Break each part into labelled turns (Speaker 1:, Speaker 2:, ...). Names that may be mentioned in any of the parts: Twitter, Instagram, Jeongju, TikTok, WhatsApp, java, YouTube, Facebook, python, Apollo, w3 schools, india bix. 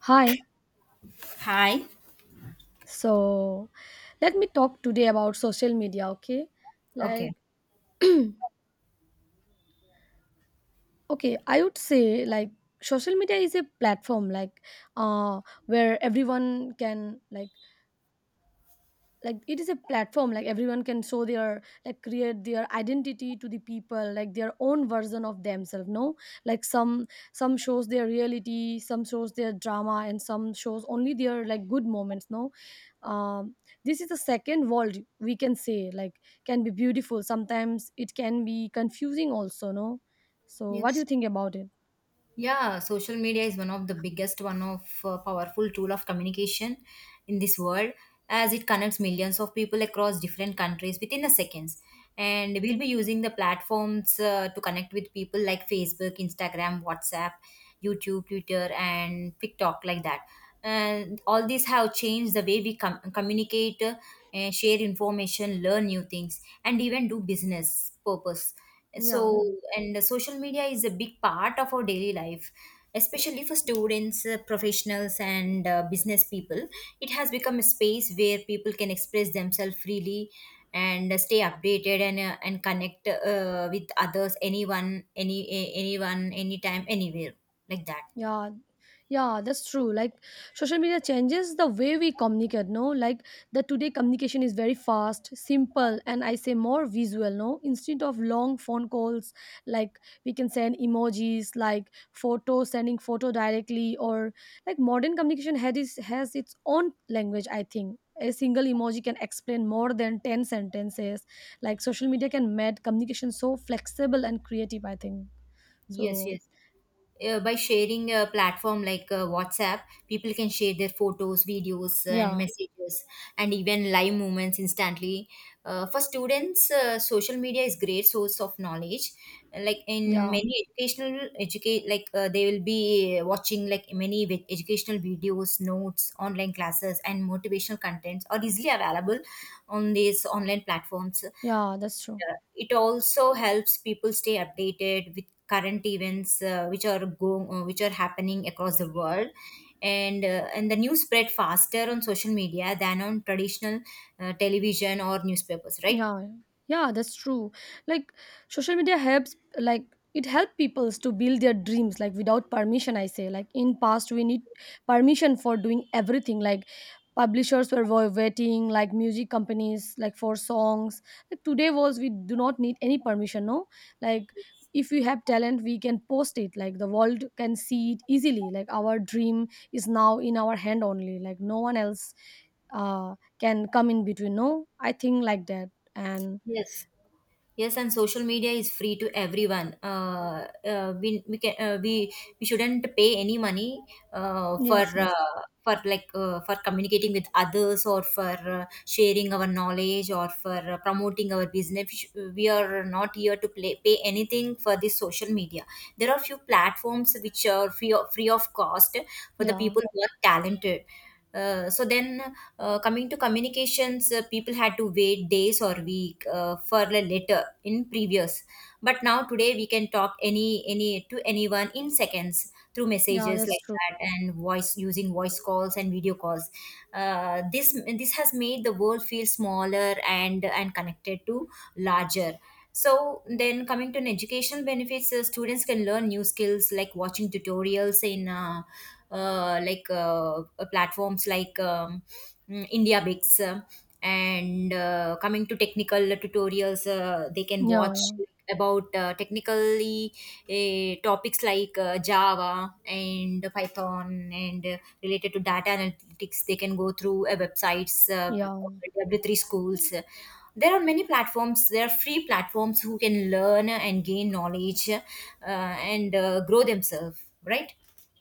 Speaker 1: Hi.
Speaker 2: Hi.
Speaker 1: So let me talk today about social media, okay?
Speaker 2: Okay.
Speaker 1: Like, okay, I would say like social media is a platform like uh where everyone can like it is a platform like everyone can show their like create their identity to the people like their own version of themselves, no? Like some shows their reality, some shows their drama, and some shows only their like good moments, no? um this is the second world, we can say. Like can be beautiful, sometimes it can be confusing also, no? So what do
Speaker 2: Yes.
Speaker 1: you think about it?
Speaker 2: Yeah, social media is one of the biggest, one of powerful tool of communication in this world, as it connects millions of people across different countries within the seconds. And we'll be using the platforms to connect with people like Facebook, Instagram, WhatsApp, YouTube, Twitter, and TikTok, like that. And all these have changed the way we communicate, and share information, learn new things, and even do business purpose. So,
Speaker 1: Yeah.
Speaker 2: and social media is a big part of our daily life, especially for students, professionals, and business people. It has become a space where people can express themselves freely and stay updated and and connect with others, anyone, anyone, anytime, anywhere, like that.
Speaker 1: Yeah, yeah, that's true. Like social media changes the way we communicate, no? Like the today communication is very fast, simple, and I say more visual, no? Instead of long phone calls, like we can send emojis, like photo, sending photo directly, or like modern communication had is, has its own language, I think. A single emoji can explain more than 10 sentences. Like social media can make communication so flexible and creative, I think.
Speaker 2: Yes,
Speaker 1: So,
Speaker 2: yes. Uh, by sharing a platform like WhatsApp, people can share their photos, videos, and
Speaker 1: yeah,
Speaker 2: messages, and even live moments instantly. For students, social media is great source of knowledge. Like in
Speaker 1: yeah.
Speaker 2: many like they will be watching like many educational videos, notes, online classes, and motivational contents are easily available on these online platforms.
Speaker 1: Yeah, that's true.
Speaker 2: It also helps people stay updated with current events which are happening across the world, and and the news spread faster on social media than on traditional television or newspapers, right?
Speaker 1: Yeah, yeah, that's true. Like social media helps like it helps peoples to build their dreams like without permission, I say. Like in past we need permission for doing everything, like publishers were waiting like music companies like for songs. Like today was we do not need any permission, no? Like if we have talent we can post it, like the world can see it easily, like our dream is now in our hand only, like no one else can come in between, no, I think like that. And
Speaker 2: Yes. Yes, and social media is free to everyone. We can we shouldn't pay any money
Speaker 1: yes, yes.
Speaker 2: for for communicating with others or for sharing our knowledge or for promoting our business. We, we are not here to pay anything for this social media. There are few platforms which are free of cost for the
Speaker 1: Yeah,
Speaker 2: people who are talented. So then coming to communications, people had to wait days or week for a letter in previous. But now today we can talk any to anyone in seconds through
Speaker 1: yeah,
Speaker 2: messages
Speaker 1: that's
Speaker 2: like
Speaker 1: true.
Speaker 2: that and voice using voice calls and video calls. This has made the world feel smaller and connected to larger. So then coming to an educational benefits, students can learn new skills like watching tutorials in platforms like India Bix, and coming to technical tutorials they can
Speaker 1: Yeah,
Speaker 2: watch
Speaker 1: yeah.
Speaker 2: about technically topics like Java and Python and related to data analytics. They can go through websites
Speaker 1: Yeah,
Speaker 2: W3 schools. There are many platforms, there are free platforms who can learn and gain knowledge and grow themselves, right?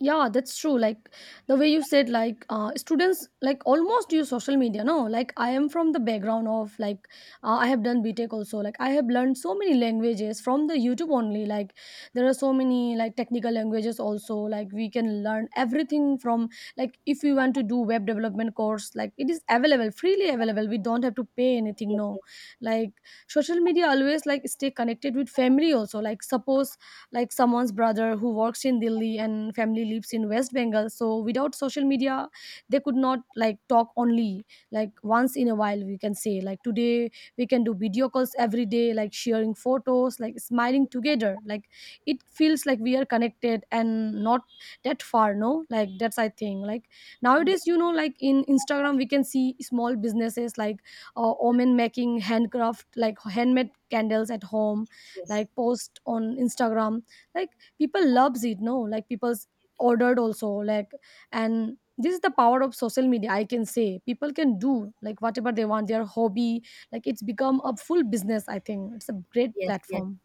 Speaker 1: yeah, that's true. Like the way you said like students like almost use social media, no? Like I am from the background of like I have done btech also, like I have learned so many languages from the youtube only. Like there are so many like technical languages also, like we can learn everything from like if you want to do web development course, like it is available, freely available, we don't have to pay anything, no? Like social media always like stay connected with family also, like suppose like someone's brother who works in Delhi and family lives in West Bengal. So without social media, they could not like talk only, like once in a while. We can say like today we can do video calls every day, like sharing photos, like smiling together. Like it feels like we are connected and not that far. No, like that's i think like nowadays,
Speaker 2: Yes, yes,
Speaker 1: you know, like in Instagram we can see small businesses like women making handcraft like handmade candles at home,
Speaker 2: yes, yes, yes.
Speaker 1: like post on instagram, like people loves it, no, like people's ordered also, like, and this is the power of social media, I can say. People can do like whatever they want, their hobby, like it's become a full business, I think. It's a great
Speaker 2: Yes, yes.
Speaker 1: platform.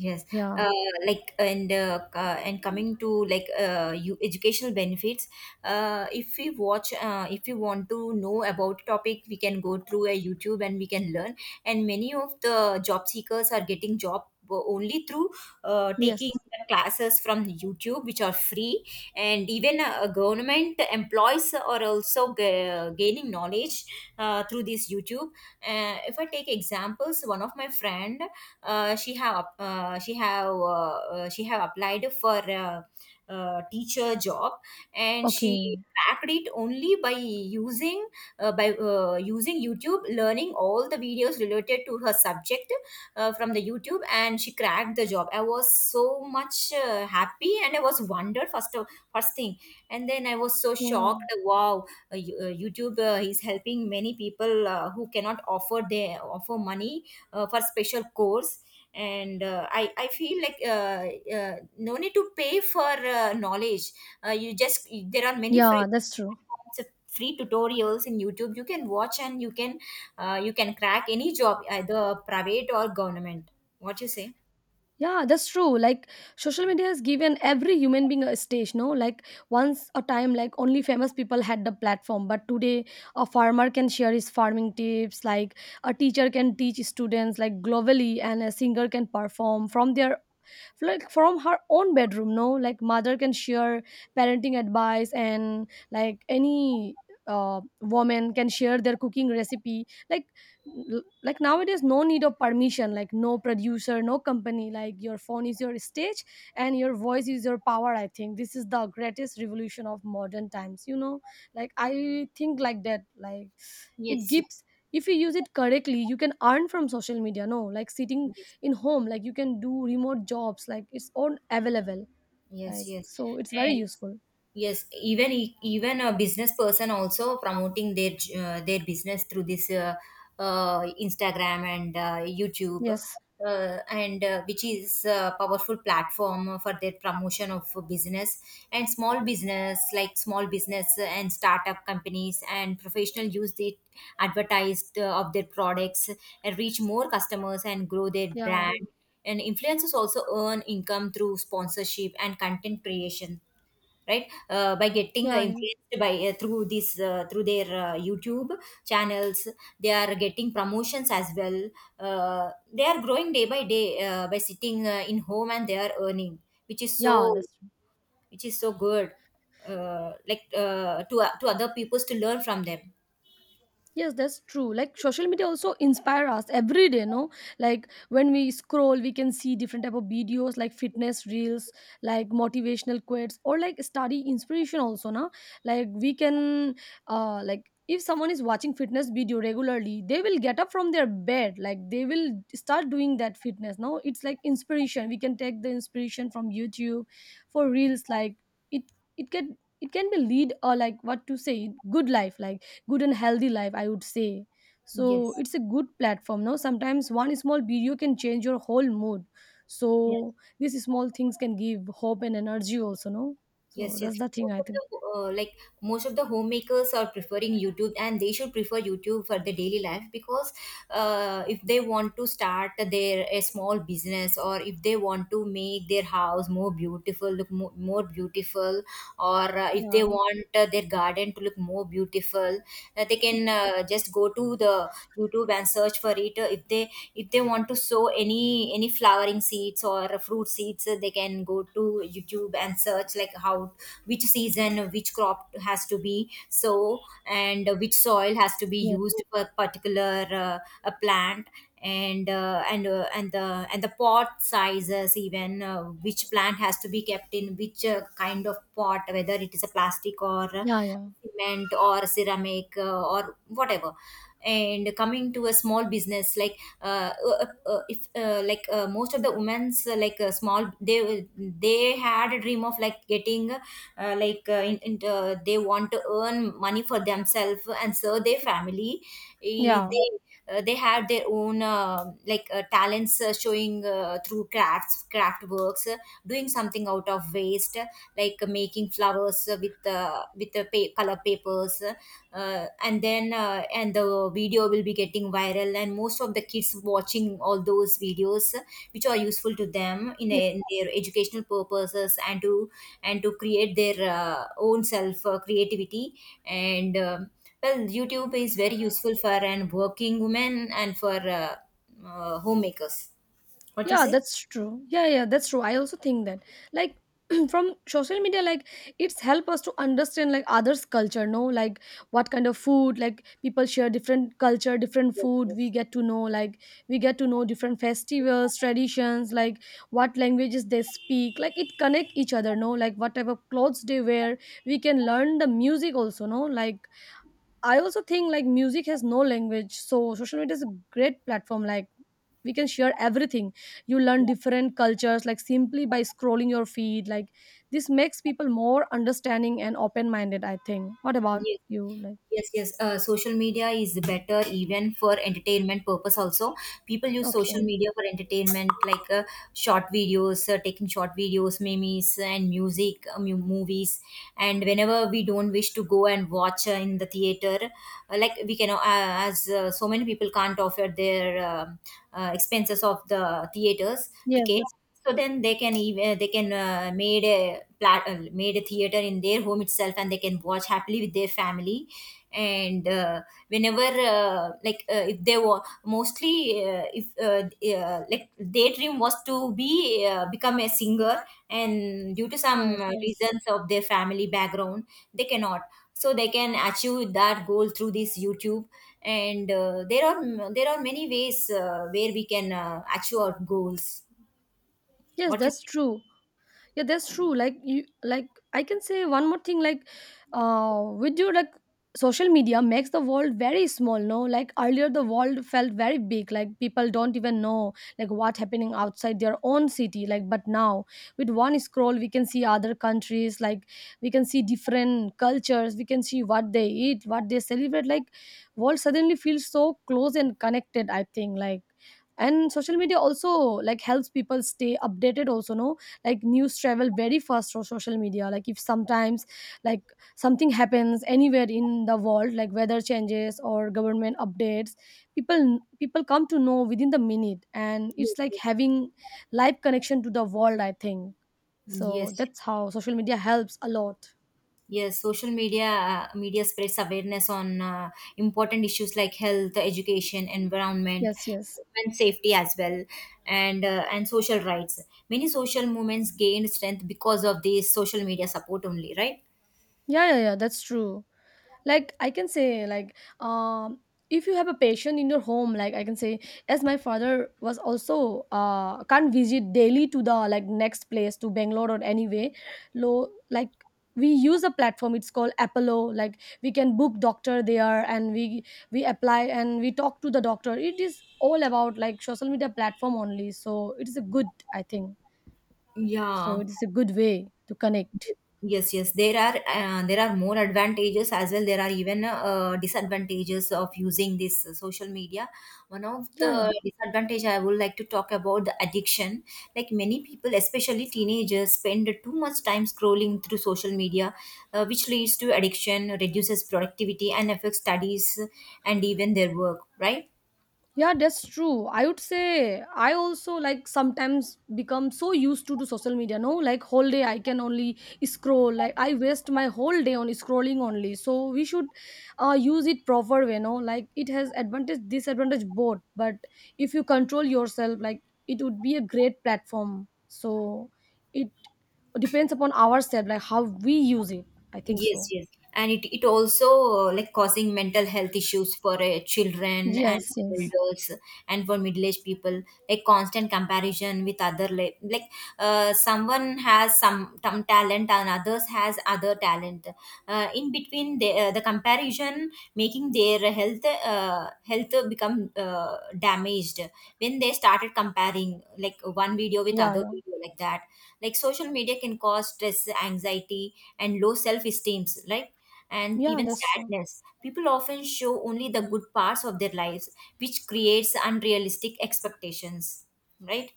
Speaker 2: Yes,
Speaker 1: Yeah.
Speaker 2: uh, and coming to like you educational benefits. If we watch, if we want to know about topic, we can go through a YouTube and we can learn. And many of the job seekers are getting job only through taking
Speaker 1: Yes.
Speaker 2: the classes from YouTube, which are free. And even government employees are also gaining knowledge through this YouTube. If I take examples, one of my friend, she have up- she have applied for a, teacher job, and she
Speaker 1: Okay.
Speaker 2: cracked it only by using YouTube, learning all the videos related to her subject from the YouTube, and she cracked the job. I was so much happy and I was wondered, first thing, and then I was so shocked.
Speaker 1: Oh.
Speaker 2: Wow. YouTube is helping many people who cannot offer their offer money for special course, and I feel like no need to pay for knowledge. You just there are many
Speaker 1: Yeah, that's true.
Speaker 2: free tutorials in YouTube. You can watch and you can crack any job, either private or government. What you say?
Speaker 1: Yeah, that's true. Like social media has given every human being a stage, no? Like once a time, like only famous people had the platform, but today a farmer can share his farming tips, like a teacher can teach students, like globally, and a singer can perform from their like from her own bedroom, no, like mother can share parenting advice and like any woman can share their cooking recipe. Like like nowadays no need of permission, like no producer, no company, like your phone is your stage and your voice is your power. I think this is the greatest revolution of modern times, you know, like I think like that, like it
Speaker 2: Yes,
Speaker 1: gives if you use it correctly you can earn from social media, no, like sitting
Speaker 2: yes,
Speaker 1: in home, like you can do remote jobs, like it's all available,
Speaker 2: yes,
Speaker 1: like
Speaker 2: yes,
Speaker 1: so it's very
Speaker 2: yes.
Speaker 1: useful.
Speaker 2: Yes, even even a business person also promoting their business through this Instagram and YouTube,
Speaker 1: Yes.
Speaker 2: and which is a powerful platform for their promotion of business. And small business and startup companies and professional use the advertised of their products and reach more customers and grow their
Speaker 1: Yeah,
Speaker 2: brand. And influencers also earn income through sponsorship and content creation, right? By getting
Speaker 1: yeah. Yeah,
Speaker 2: influenced by through this through their YouTube channels. They are getting promotions as well. They are growing day by day by sitting in home, and they are earning, which is
Speaker 1: yeah,
Speaker 2: so
Speaker 1: that's true.
Speaker 2: which is so good, to other peoples to learn from them.
Speaker 1: Yes, that's true. Like social media also inspire us every day, no? Like when we scroll, we can see different type of videos like fitness reels, like motivational quotes, or like study inspiration also, no? Like we can like if someone is watching fitness video regularly, they will get up from their bed, like they will start doing that fitness. No, it's like inspiration. We can take the inspiration from YouTube for reels, like it it can be lead, or like what to say, good life, like good and healthy life, I would say.
Speaker 2: Yes.
Speaker 1: So it's a good platform, no, sometimes one small video can change your whole mood. So these small things can give hope and energy also, no? So
Speaker 2: Yes,
Speaker 1: that's
Speaker 2: yes.
Speaker 1: the thing,
Speaker 2: Most
Speaker 1: I
Speaker 2: of
Speaker 1: think.
Speaker 2: the most of the homemakers are preferring YouTube, and they should prefer YouTube for their daily life, because if they want to start their a small business, or if they want to make their house more beautiful, more beautiful, or if they
Speaker 1: Yeah,
Speaker 2: want their garden to look more beautiful, they can just go to the YouTube and search for it. If they, if they want to sow any flowering seeds or fruit seeds, they can go to YouTube and search, like, how, which season, which crop has to be sow, and which soil has to be
Speaker 1: yeah,
Speaker 2: used for particular a plant, and and the pot sizes, even which plant has to be kept in which kind of pot, whether it is a plastic or
Speaker 1: yeah, yeah,
Speaker 2: cement or ceramic, or whatever. And coming to a small business, like if like most of the women's small, they had a dream of like getting they want to earn money for themselves and serve their family. Eh,
Speaker 1: yeah.
Speaker 2: they, they have their own talents showing through craft works, doing something out of waste, making flowers with the color papers, and then and the video will be getting viral, and most of the kids watching all those videos which are useful to them in, a, in their educational purposes, and to create their own self creativity. And well YouTube is very useful for an working woman and for homemakers. What you
Speaker 1: Yeah,
Speaker 2: say?
Speaker 1: that's true. Yeah, yeah, that's true. I also think that like from social media like it's help us to understand like others culture, no, like what kind of food, like people share different culture, different food, we get to know like we get to know different festivals, traditions, like what languages they speak, like it connect each other, no, like whatever clothes they wear, we can learn the music also, no, like I also think like music has no language, so social media is a great platform. Like we can share everything. You learn different cultures like simply by scrolling your feed. Like this makes people more understanding and open-minded. I think. What about
Speaker 2: Yes.
Speaker 1: you? Like
Speaker 2: Yes, yes. Social media is better even for entertainment purpose also. People use social
Speaker 1: okay.
Speaker 2: media for entertainment like short videos, memes and music, movies. And whenever we don't wish to go and watch in the theater, we can, as so many people can't offer their expenses of the theaters
Speaker 1: Yes,
Speaker 2: ticket.
Speaker 1: that's...
Speaker 2: So then they can even they can made a plat- made a theater in their home itself, and they can watch happily with their family. And whenever like if they were mostly if like their dream was to be become a singer, and due to some
Speaker 1: Yes, yes,
Speaker 2: reasons of their family background they cannot. So they can achieve that goal through this YouTube. And there are many ways where we can achieve our goals.
Speaker 1: yes,
Speaker 2: What you
Speaker 1: that's
Speaker 2: say?
Speaker 1: true. Yeah, that's true. Like you like I can say one more thing, like with your like social media makes the world very small, no, like earlier the world felt very big, like people don't even know like what happening outside their own city, like but now with one scroll we can see other countries, like we can see different cultures, we can see what they eat, what they celebrate. Like world suddenly feels so close and connected, I think like, and social media also like helps people stay updated also, no, like news travel very fast through social media, like if sometimes like something happens anywhere in the world, like weather changes or government updates, people come to know within the minute, and it's like
Speaker 2: Yes,
Speaker 1: having live connection to the world, I think. So
Speaker 2: yes.
Speaker 1: that's how social media helps a lot.
Speaker 2: Yes, social media spreads awareness on important issues like health, education, environment,
Speaker 1: Yes, yes.
Speaker 2: and safety as well, and social rights. Many social movements gained strength because of this social media support only, right?
Speaker 1: Yeah, yeah, yeah, that's true. Like I can say, like if you have a patient in your home, like I can say, as my father was also can't visit daily to the like next place to Bangalore or anyway, low like we use a platform. It's called Apollo. Like we can book doctor there, and we apply and we talk to the doctor. It is all about like social media platform only. So it is a good, I think. So
Speaker 2: Yeah.
Speaker 1: it is a good way to connect.
Speaker 2: Yes, yes, there are more advantages as well. There are even disadvantages of using this social media. One of
Speaker 1: Yeah,
Speaker 2: the
Speaker 1: yeah.
Speaker 2: disadvantage I would like to talk about, the addiction. Like many people, especially teenagers, spend too much time scrolling through social media, which leads to addiction, reduces productivity, and affects studies, and even their work, right?
Speaker 1: Yeah, that's true. I would say I also like sometimes become so used to social media, no? Like whole day I can only scroll. Like I waste my whole day on scrolling only. So we should use it proper way, no? Like it has advantage, disadvantage, both. But if you control yourself, like it would be a great platform. So it depends upon ourselves, like how we use it. I think
Speaker 2: Yes,
Speaker 1: so.
Speaker 2: yes. And it also like causing mental health issues for children and
Speaker 1: Yes, yes.
Speaker 2: elders and for middle-aged people, like constant comparison with other, like, someone has some talent and others has other talent. In between the comparison making their health health become damaged when they started comparing like one video with
Speaker 1: Yeah,
Speaker 2: other
Speaker 1: yeah.
Speaker 2: video, like that. Like social media can cause stress, anxiety, and low self-esteem, right? And
Speaker 1: Yeah,
Speaker 2: even
Speaker 1: that's true.
Speaker 2: sadness. People often show only the good parts of their lives, which creates unrealistic expectations, right?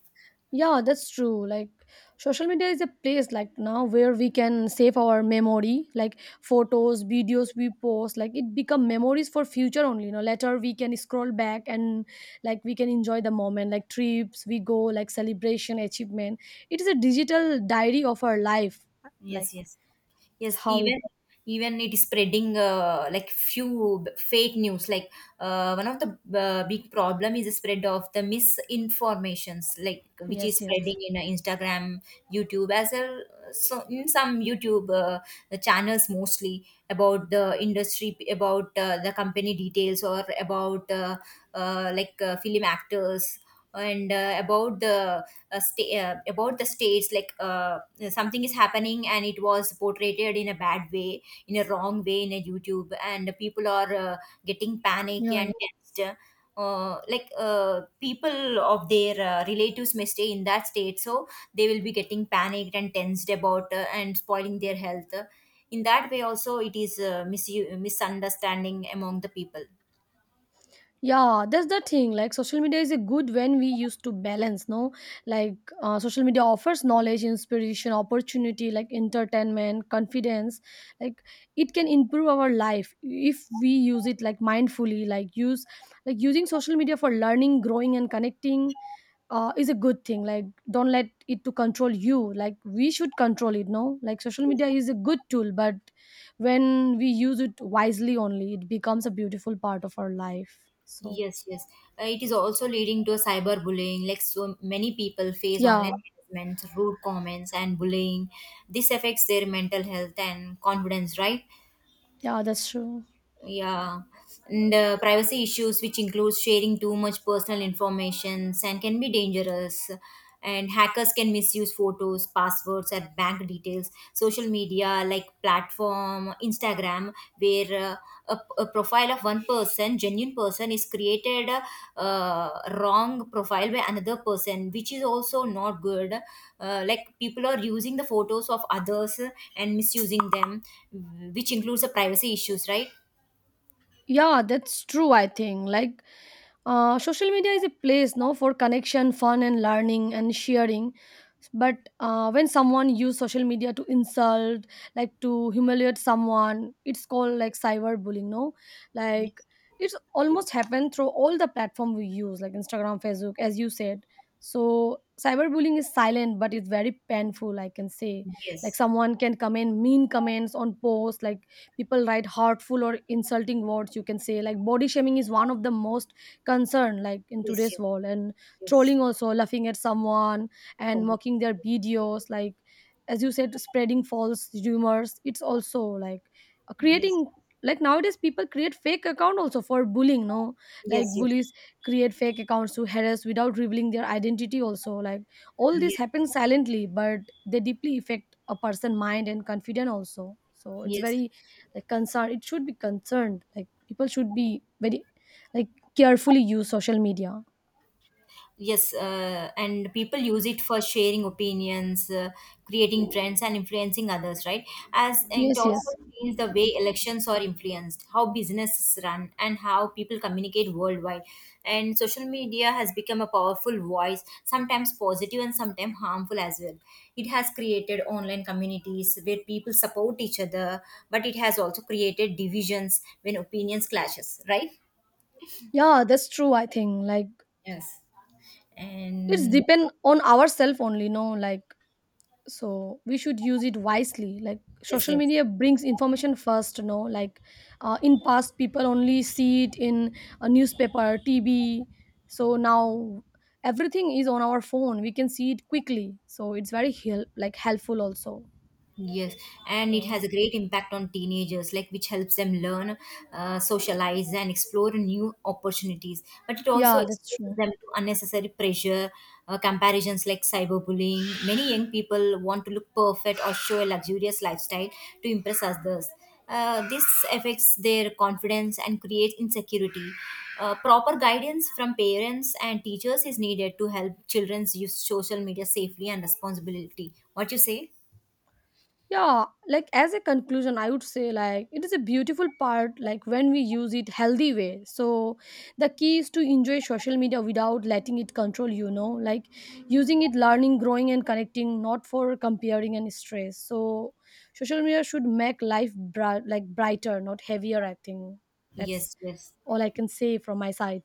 Speaker 1: Yeah, that's true. Like social media is a place like now where we can save our memory, like photos, videos we post, like it become memories for future only, you know. Later we can scroll back and like we can enjoy the moment, like trips we go, like celebration, achievement. It is a digital diary of our life. Like
Speaker 2: Yes, yes.
Speaker 1: it's
Speaker 2: Yes,
Speaker 1: how it...
Speaker 2: even it is spreading few fake news. Like one of the big problem is the spread of the misinformations, like which is
Speaker 1: Yes, yes.
Speaker 2: spreading in Instagram, YouTube, as well. So in some YouTube channels, mostly about the industry, about the company details, or about film actors, and about the about the states, like. Something is happening and it was portrayed in a bad way, in a wrong way, in a YouTube, and people are getting panic
Speaker 1: Yeah,
Speaker 2: and
Speaker 1: yeah.
Speaker 2: tensed. People of their relatives may stay in that state, so they will be getting panicked and tensed about and spoiling their health. In that way also it is misunderstanding among the people.
Speaker 1: Yeah, that's the thing. Like, social media is a good when we used to balance, no? Like, social media offers knowledge, inspiration, opportunity, like entertainment, confidence. Like, it can improve our life if we use it like mindfully. Like, use like using social media for learning, growing, and connecting is a good thing. Like, don't let it to control you. Like, we should control it, no? Like, social media is a good tool, but when we use it wisely only it becomes a beautiful part of our life. So
Speaker 2: Yes, yes. It is also leading to a cyberbullying. Like so many people face online
Speaker 1: yeah,
Speaker 2: harassment, rude comments, and bullying. This affects their mental health and confidence, right?
Speaker 1: yeah, that's true.
Speaker 2: Yeah. And privacy issues, which includes sharing too much personal information and can be dangerous, and hackers can misuse photos, passwords, and bank details. Social media like platform Instagram, where a profile of one person, genuine person, is created, uh, wrong profile by another person, which is also not good. Like people are using the photos of others and misusing them, which includes the privacy issues, right?
Speaker 1: Yeah, that's true, I think. Like, social media is a place, no, for connection, fun and learning and sharing, but when someone use social media to insult, like to humiliate someone, it's called like cyberbullying, no? Like it's almost happened through all the platform we use, like instagram, facebook, as you said. So cyberbullying is silent but it's very painful, I can say. Like
Speaker 2: Yes,
Speaker 1: someone can comment mean comments on posts, like people write hurtful or insulting words. You can say like body shaming is one of the most concern like in
Speaker 2: yes,
Speaker 1: today's
Speaker 2: yes,
Speaker 1: world, and
Speaker 2: yes.
Speaker 1: trolling also, laughing at someone
Speaker 2: For
Speaker 1: and
Speaker 2: you.
Speaker 1: mocking their videos, like as you said, spreading false rumors, it's also like
Speaker 2: Yes,
Speaker 1: creating, like nowadays people create fake account also for bullying, no,
Speaker 2: yes,
Speaker 1: like
Speaker 2: yes,
Speaker 1: bullies create fake accounts to harass without revealing their identity also. Like all this
Speaker 2: yes,
Speaker 1: happens silently, but they deeply affect a person mind and confidence also, so it's
Speaker 2: yes.
Speaker 1: very like concern, it should be concerned, like people should be very like carefully use social media.
Speaker 2: Yes, and people use it for sharing opinions, creating trends, and influencing others, right? As it
Speaker 1: Yes,
Speaker 2: also
Speaker 1: yes.
Speaker 2: changed the way elections are influenced, how businesses run, and how people communicate worldwide. And social media has become a powerful voice, sometimes positive and sometimes harmful as well. It has created online communities where people support each other, but it has also created divisions when opinions clashes, right?
Speaker 1: Yeah, that's true, I think. Like
Speaker 2: Yes.
Speaker 1: it's
Speaker 2: And
Speaker 1: depend on ourselves only, no, like so we should use it wisely. Like
Speaker 2: yes,
Speaker 1: social
Speaker 2: yes.
Speaker 1: media brings information first, no, like in past people only see it in a newspaper, tv. So now everything is on our phone, we can see it quickly, so it's very help, like helpful also.
Speaker 2: Yes, and it
Speaker 1: So
Speaker 2: has a great impact on teenagers, like which helps them learn, socialize, and explore new opportunities. But it also
Speaker 1: yeah, that's
Speaker 2: exposes
Speaker 1: true.
Speaker 2: them to unnecessary pressure, comparisons like cyberbullying. Many young people want to look perfect or show a luxurious lifestyle to impress others. This affects their confidence and creates insecurity. Proper guidance from parents and teachers is needed to help children use social media safely and responsibility. What you say?
Speaker 1: Yeah, like as a conclusion, I would say like it is a beautiful part like when we use it healthy way. So the key is to enjoy social media without letting it control, you know, like using it learning, growing and connecting, not for comparing and stress. So social media should make life like brighter, not heavier, I think. That's
Speaker 2: Yes, yes,
Speaker 1: all I can say from my side.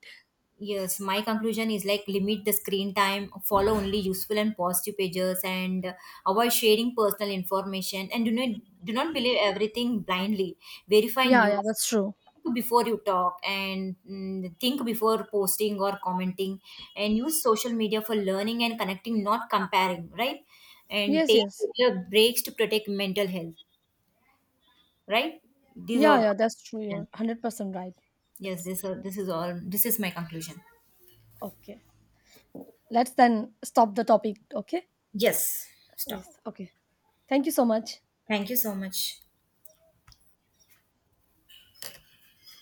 Speaker 2: yes. My conclusion is like limit the screen time, follow only useful and positive pages, and avoid sharing personal information. And do not believe everything blindly. Verify
Speaker 1: Yeah, yeah,
Speaker 2: news
Speaker 1: that's true.
Speaker 2: before you talk, and think before posting or commenting. And use social media for learning and connecting, not comparing. Right, and
Speaker 1: Yes,
Speaker 2: take
Speaker 1: yes.
Speaker 2: regular breaks to protect mental health. Right, these
Speaker 1: Yeah,
Speaker 2: are
Speaker 1: yeah, that's true. You're 100% right.
Speaker 2: yes.
Speaker 1: It's
Speaker 2: This is all. This is my conclusion.
Speaker 1: okay. Let's then stop the topic, okay?
Speaker 2: Yes, stop.
Speaker 1: Yes, okay. Thank you so much.
Speaker 2: Thank you so much.